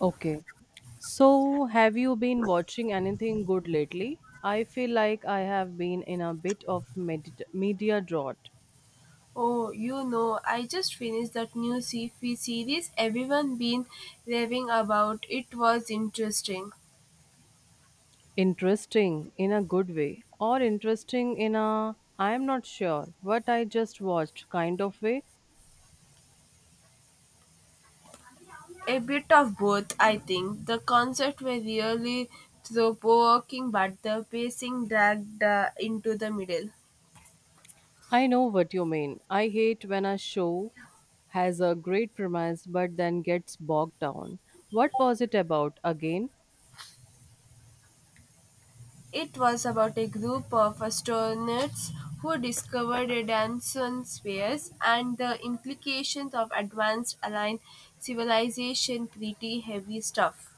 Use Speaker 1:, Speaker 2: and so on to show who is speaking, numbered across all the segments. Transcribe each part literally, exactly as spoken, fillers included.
Speaker 1: Okay. So, have you been watching anything good lately? I feel like I have been in a bit of medit media drought.
Speaker 2: Oh, you know, I just finished that new sci series everyone been raving about. It was interesting.
Speaker 1: Interesting in a good way, or interesting in a I am not sure what I just watched kind of way.
Speaker 2: A bit of both, I think. The concept were really thought-provoking, but the pacing dragged uh, into the middle.
Speaker 1: I know what you mean. I hate when a show has a great premise but then gets bogged down. What was it about again?
Speaker 2: It was about a group of astronauts who discovered a Danson spheres and the implications of advanced alien civilization. Pretty heavy stuff.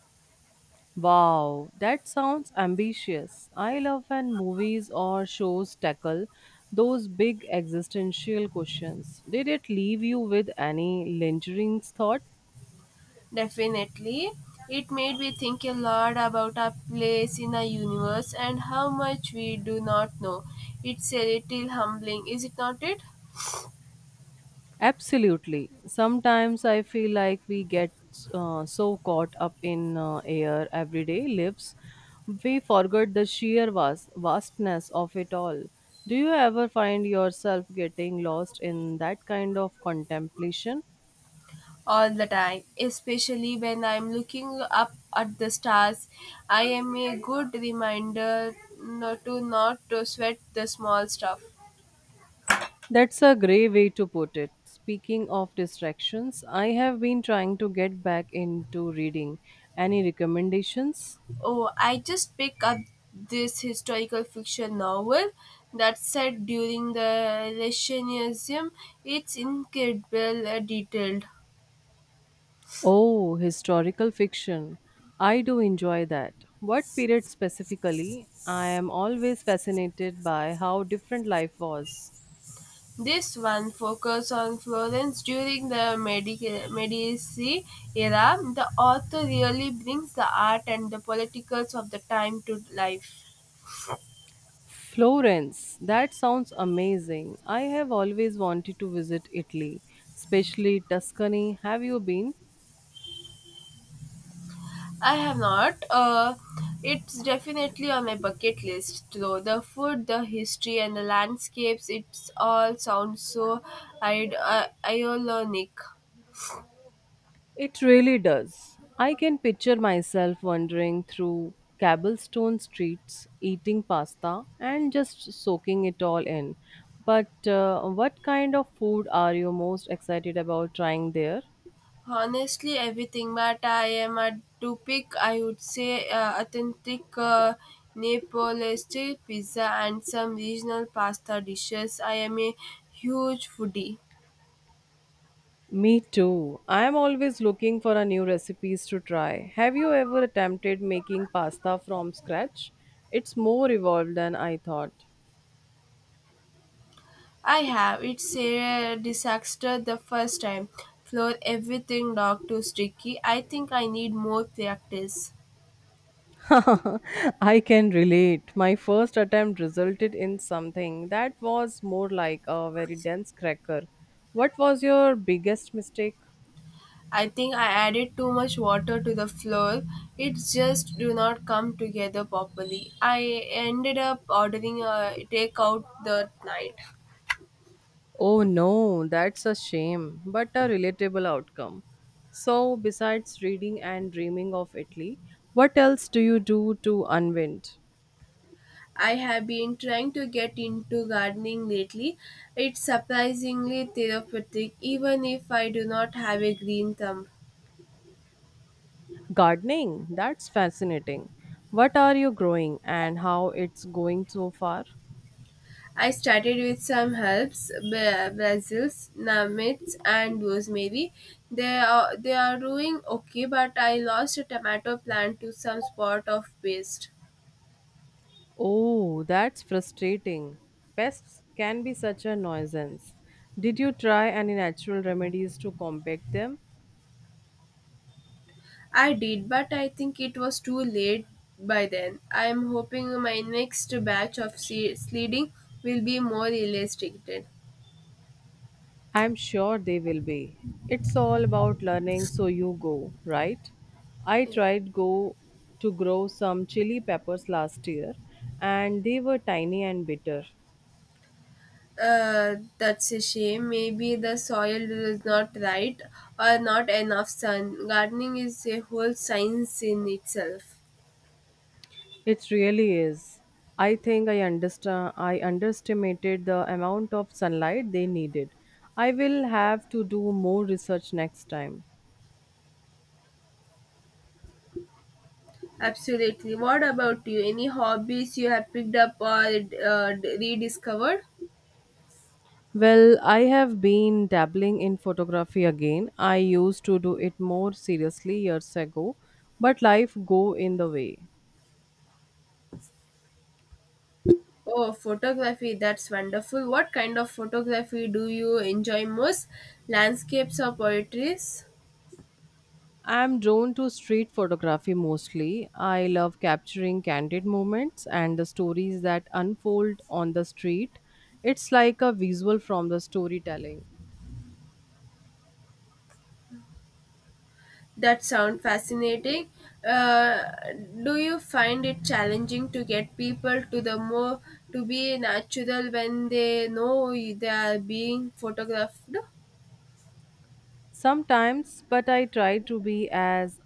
Speaker 1: Wow, that sounds ambitious. I love when movies or shows tackle those big existential questions. Did it leave you with any lingering thought?
Speaker 2: Definitely. It made me think a lot about our place in the universe and how much we do not know. It's a little humbling, is it not it?
Speaker 1: Absolutely. Sometimes I feel like we get uh, so caught up in uh, our everyday lives, we forget the sheer vast- vastness of it all. Do you ever find yourself getting lost in that kind of contemplation?
Speaker 2: All the time, especially when I'm looking up at the stars. I am a good reminder not to not to sweat the small stuff.
Speaker 1: That's a grey way to put it. Speaking of distractions, I have been trying to get back into reading. Any recommendations?
Speaker 2: Oh, I just picked up this historical fiction novel that set during the Renaissance. It's incredible uh, detailed.
Speaker 1: Oh, historical fiction. I do enjoy that. What period specifically? I am always fascinated by how different life was.
Speaker 2: This one focuses on Florence during the Medici Medici era. The author really brings the art and the politicals of the time to life.
Speaker 1: Florence, that sounds amazing. I have always wanted to visit Italy, especially Tuscany. Have you been?
Speaker 2: I have not. Uh, it's definitely on my bucket list, though. The food, the history, and the landscapes, it's all sounds so Id- uh, ionic.
Speaker 1: It really does. I can picture myself wandering through cobblestone streets, eating pasta, and just soaking it all in. But uh, what kind of food are you most excited about trying there?
Speaker 2: Honestly, everything, but I am a to pick, I would say, uh, authentic uh, Nepalese pizza and some regional pasta dishes. I am a huge foodie.
Speaker 1: Me too. I am always looking for a new recipes to try. Have you ever attempted making pasta from scratch? It's more evolved than I thought.
Speaker 2: I have. It's a disaster the first time. Floor everything dog to sticky. I think I need more practice.
Speaker 1: I can relate. My first attempt resulted in something that was more like a very dense cracker. What was your biggest mistake?
Speaker 2: I think I added too much water to the flour. It just do not come together properly. I ended up ordering a takeout that night.
Speaker 1: Oh no, that's a shame, but a relatable outcome. So, besides reading and dreaming of Italy, what else do you do to unwind?
Speaker 2: I have been trying to get into gardening lately. It's surprisingly therapeutic even if I do not have a green thumb.
Speaker 1: Gardening, that's fascinating. What are you growing and how it's going so far?
Speaker 2: I started with some herbs, ba- basils, namits, and rosemary. They are they are doing okay, but I lost a tomato plant to some spot of paste.
Speaker 1: Oh, that's frustrating. Pests can be such a nuisance. Did you try any natural remedies to combat them?
Speaker 2: I did, but I think it was too late by then. I am hoping my next batch of se- sledding will be more restricted.
Speaker 1: I'm sure they will be. It's all about learning, so you go, right? I tried go to grow some chili peppers last year and they were tiny and bitter.
Speaker 2: Uh, that's a shame. Maybe the soil is not right or not enough sun. Gardening is a whole science in itself.
Speaker 1: It really is. I think I understand I underestimated the amount of sunlight they needed. I will have to do more research next time.
Speaker 2: Absolutely. What about you? Any hobbies you have picked up or uh, rediscovered?
Speaker 1: Well, I have been dabbling in photography again. I used to do it more seriously years ago, but life go in the way.
Speaker 2: Oh, photography, that's wonderful. What kind of photography do you enjoy most? Landscapes or poetries?
Speaker 1: I am drawn to street photography mostly. I love capturing candid moments and the stories that unfold on the street. It's like a visual from the storytelling.
Speaker 2: That sound fascinating. Uh, do you find it challenging to get people to the more to be natural when they know they are being photographed?
Speaker 1: Sometimes, but I try to be as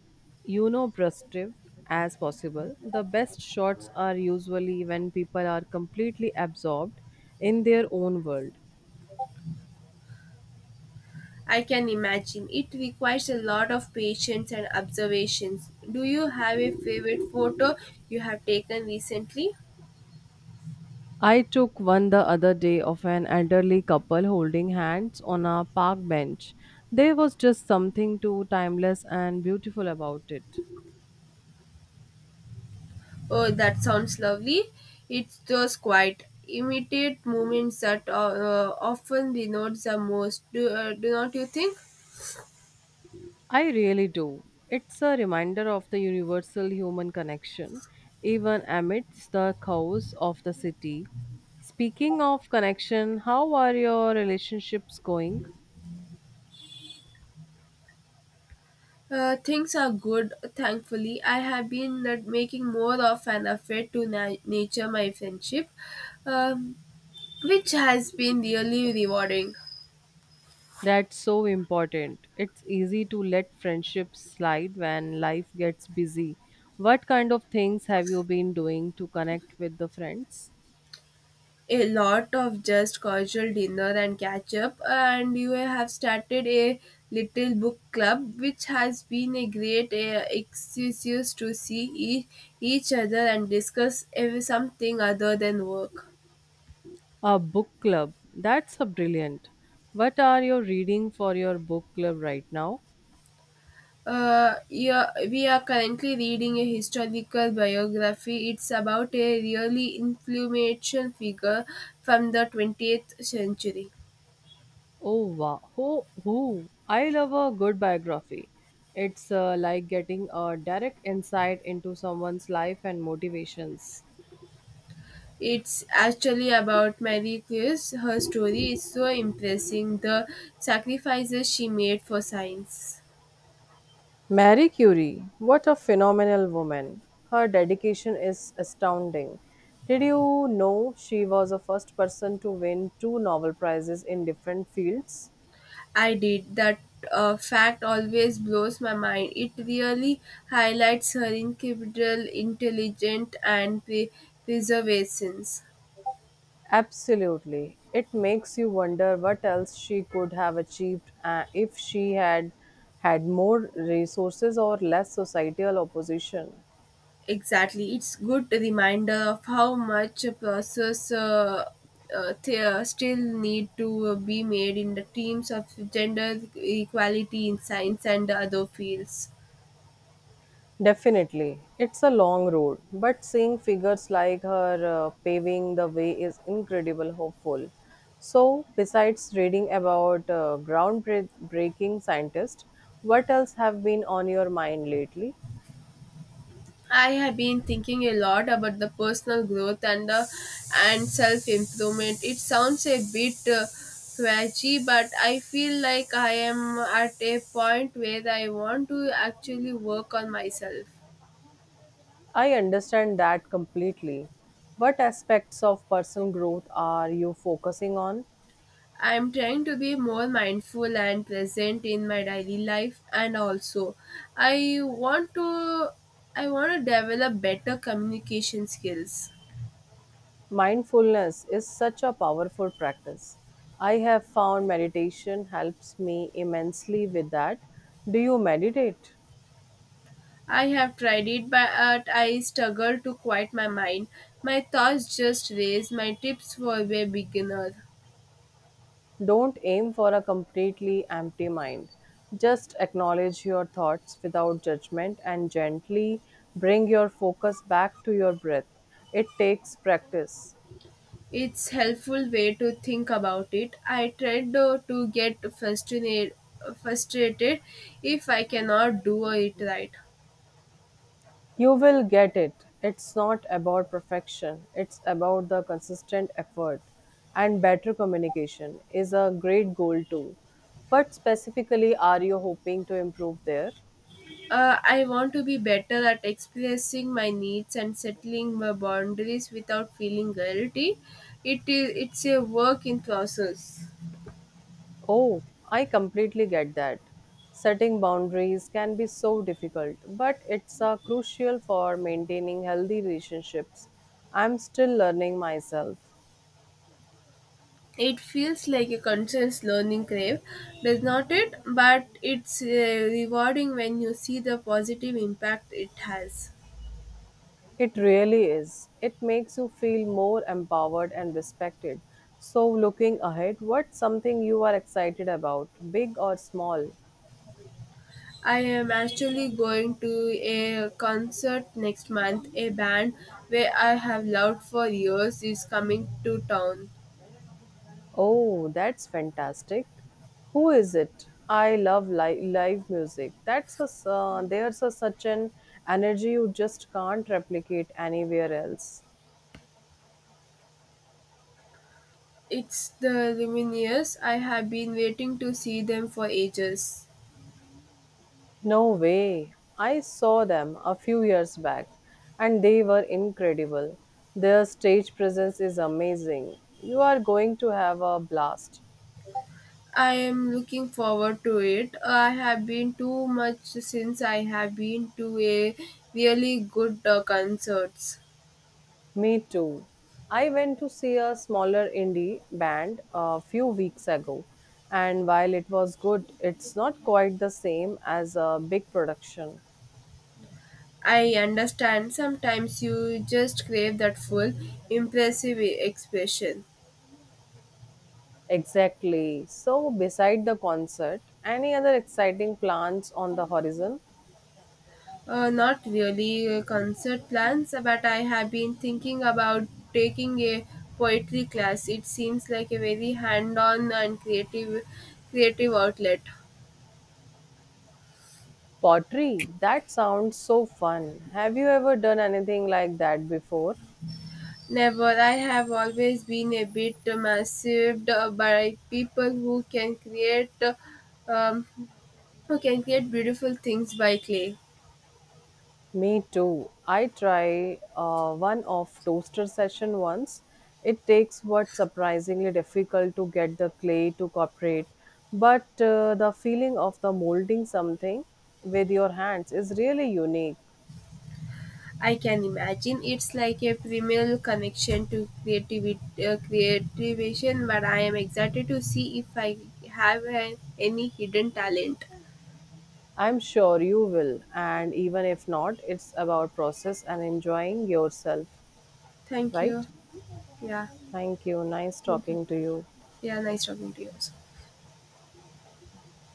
Speaker 1: unobtrusive as possible. The best shots are usually when people are completely absorbed in their own world.
Speaker 2: I can imagine. It requires a lot of patience and observations. Do you have a favorite photo you have taken recently?
Speaker 1: I took one the other day of an elderly couple holding hands on a park bench. There was just something too timeless and beautiful about it.
Speaker 2: Oh, that sounds lovely. It's those quiet, immediate moments that uh, uh, often denote the most. Do, uh, do not you think?
Speaker 1: I really do. It's a reminder of the universal human connection, even amidst the chaos of the city. Speaking of connection, how are your relationships going?
Speaker 2: Uh, things are good, thankfully. I have been uh, making more of an effort to na- nature my friendship, um, which has been really rewarding.
Speaker 1: That's so important. It's easy to let friendships slide when life gets busy. What kind of things have you been doing to connect with the friends?
Speaker 2: A lot of just casual dinner and catch up and you have started a little book club which has been a great uh, excuse to see e- each other and discuss ev- something other than work.
Speaker 1: A book club. That's a brilliant. What are you reading for your book club right now?
Speaker 2: Uh, yeah, we are currently reading a historical biography. It's about a really influential figure from the twentieth century.
Speaker 1: Oh wow! Oh, ooh. I love a good biography. It's uh, like getting a direct insight into someone's life and motivations.
Speaker 2: It's actually about Mary Curie. Her story is so impressing. The sacrifices she made for science.
Speaker 1: Marie Curie, what a phenomenal woman! Her dedication is astounding. Did you know she was the first person to win two Nobel Prizes in different fields?
Speaker 2: I did. That uh, fact always blows my mind. It really highlights her incredible intelligence and pre- perseverance.
Speaker 1: Absolutely. It makes you wonder what else she could have achieved uh, if she had had more resources or less societal opposition.
Speaker 2: Exactly, it's good reminder of how much a process uh, uh, th- uh, still need to uh, be made in the teams of gender equality in science and other fields.
Speaker 1: Definitely. It's a long road, but seeing figures like her uh, paving the way is incredible hopeful. So, besides reading about uh, groundbreaking scientists, what else have been on your mind lately?
Speaker 2: I have been thinking a lot about the personal growth and the and self improvement. It sounds a bit uh, preachy, but I feel like I am at a point where I want to actually work on myself.
Speaker 1: I understand that completely. What aspects of personal growth are you focusing on?
Speaker 2: I'm trying to be more mindful and present in my daily life, and also I want to I want to develop better communication skills.
Speaker 1: Mindfulness is such a powerful practice. I have found meditation helps me immensely with that. Do you meditate?
Speaker 2: I have tried it but I struggle to quiet my mind. My thoughts just race. My tips for a beginner.
Speaker 1: Don't aim for a completely empty mind. Just acknowledge your thoughts without judgment and gently bring your focus back to your breath. It takes practice,
Speaker 2: It's helpful way to think about it. I tried uh, to get frustrated frustrated if I cannot do it right.
Speaker 1: you will get it. It's not about perfection, it's about the consistent effort. And better communication is a great goal too. What specifically are you hoping to improve there?
Speaker 2: Uh, I want to be better at expressing my needs and settling my boundaries without feeling guilty. It is it's a work in process.
Speaker 1: Oh, I completely get that. Setting boundaries can be so difficult, but it's uh, crucial for maintaining healthy relationships. I'm still learning myself.
Speaker 2: It feels like a conscious learning curve, does not it? But it's uh, rewarding when you see the positive impact it has.
Speaker 1: It really is. It makes you feel more empowered and respected. So, looking ahead, what's something you are excited about, big or small?
Speaker 2: I am actually going to a concert next month. A band where I have loved for years is coming to town.
Speaker 1: Oh, that's fantastic. Who is it? I love li- live music. That's a s- uh, there's a, such an energy you just can't replicate anywhere else.
Speaker 2: It's the Lumineers. I have been waiting to see them for ages.
Speaker 1: No way. I saw them a few years back and they were incredible. Their stage presence is amazing. You are going to have a blast.
Speaker 2: I am looking forward to it. I have been too much since I have been to a really good uh, concerts.
Speaker 1: Me too. I went to see a smaller indie band a few weeks ago, and while it was good, it's not quite the same as a big production.
Speaker 2: I understand sometimes you just crave that full impressive expression.
Speaker 1: Exactly. So, beside the concert, any other exciting plans on the horizon?
Speaker 2: Uh, not really uh, concert plans, but I have been thinking about taking a poetry class. It seems like a very hand-on and creative, creative outlet.
Speaker 1: Pottery, that sounds so fun. Have you ever done anything like that before?
Speaker 2: Never, I have always been a bit massive uh, by people who can create, uh, um, who can create beautiful things by clay.
Speaker 1: Me too. I try uh, one off toaster session once. It takes what surprisingly difficult to get the clay to cooperate, but uh, the feeling of the molding something with your hands is really unique.
Speaker 2: I can imagine it's like a primal connection to creativity, uh, creativation, but I am excited to see if I have uh, any hidden talent.
Speaker 1: I'm sure you will, and even if not, it's about process and enjoying yourself,
Speaker 2: Thank you.
Speaker 1: right?
Speaker 2: Yeah,
Speaker 1: Thank you. Nice
Speaker 2: thank you.
Speaker 1: talking to you.
Speaker 2: Yeah, nice talking to you.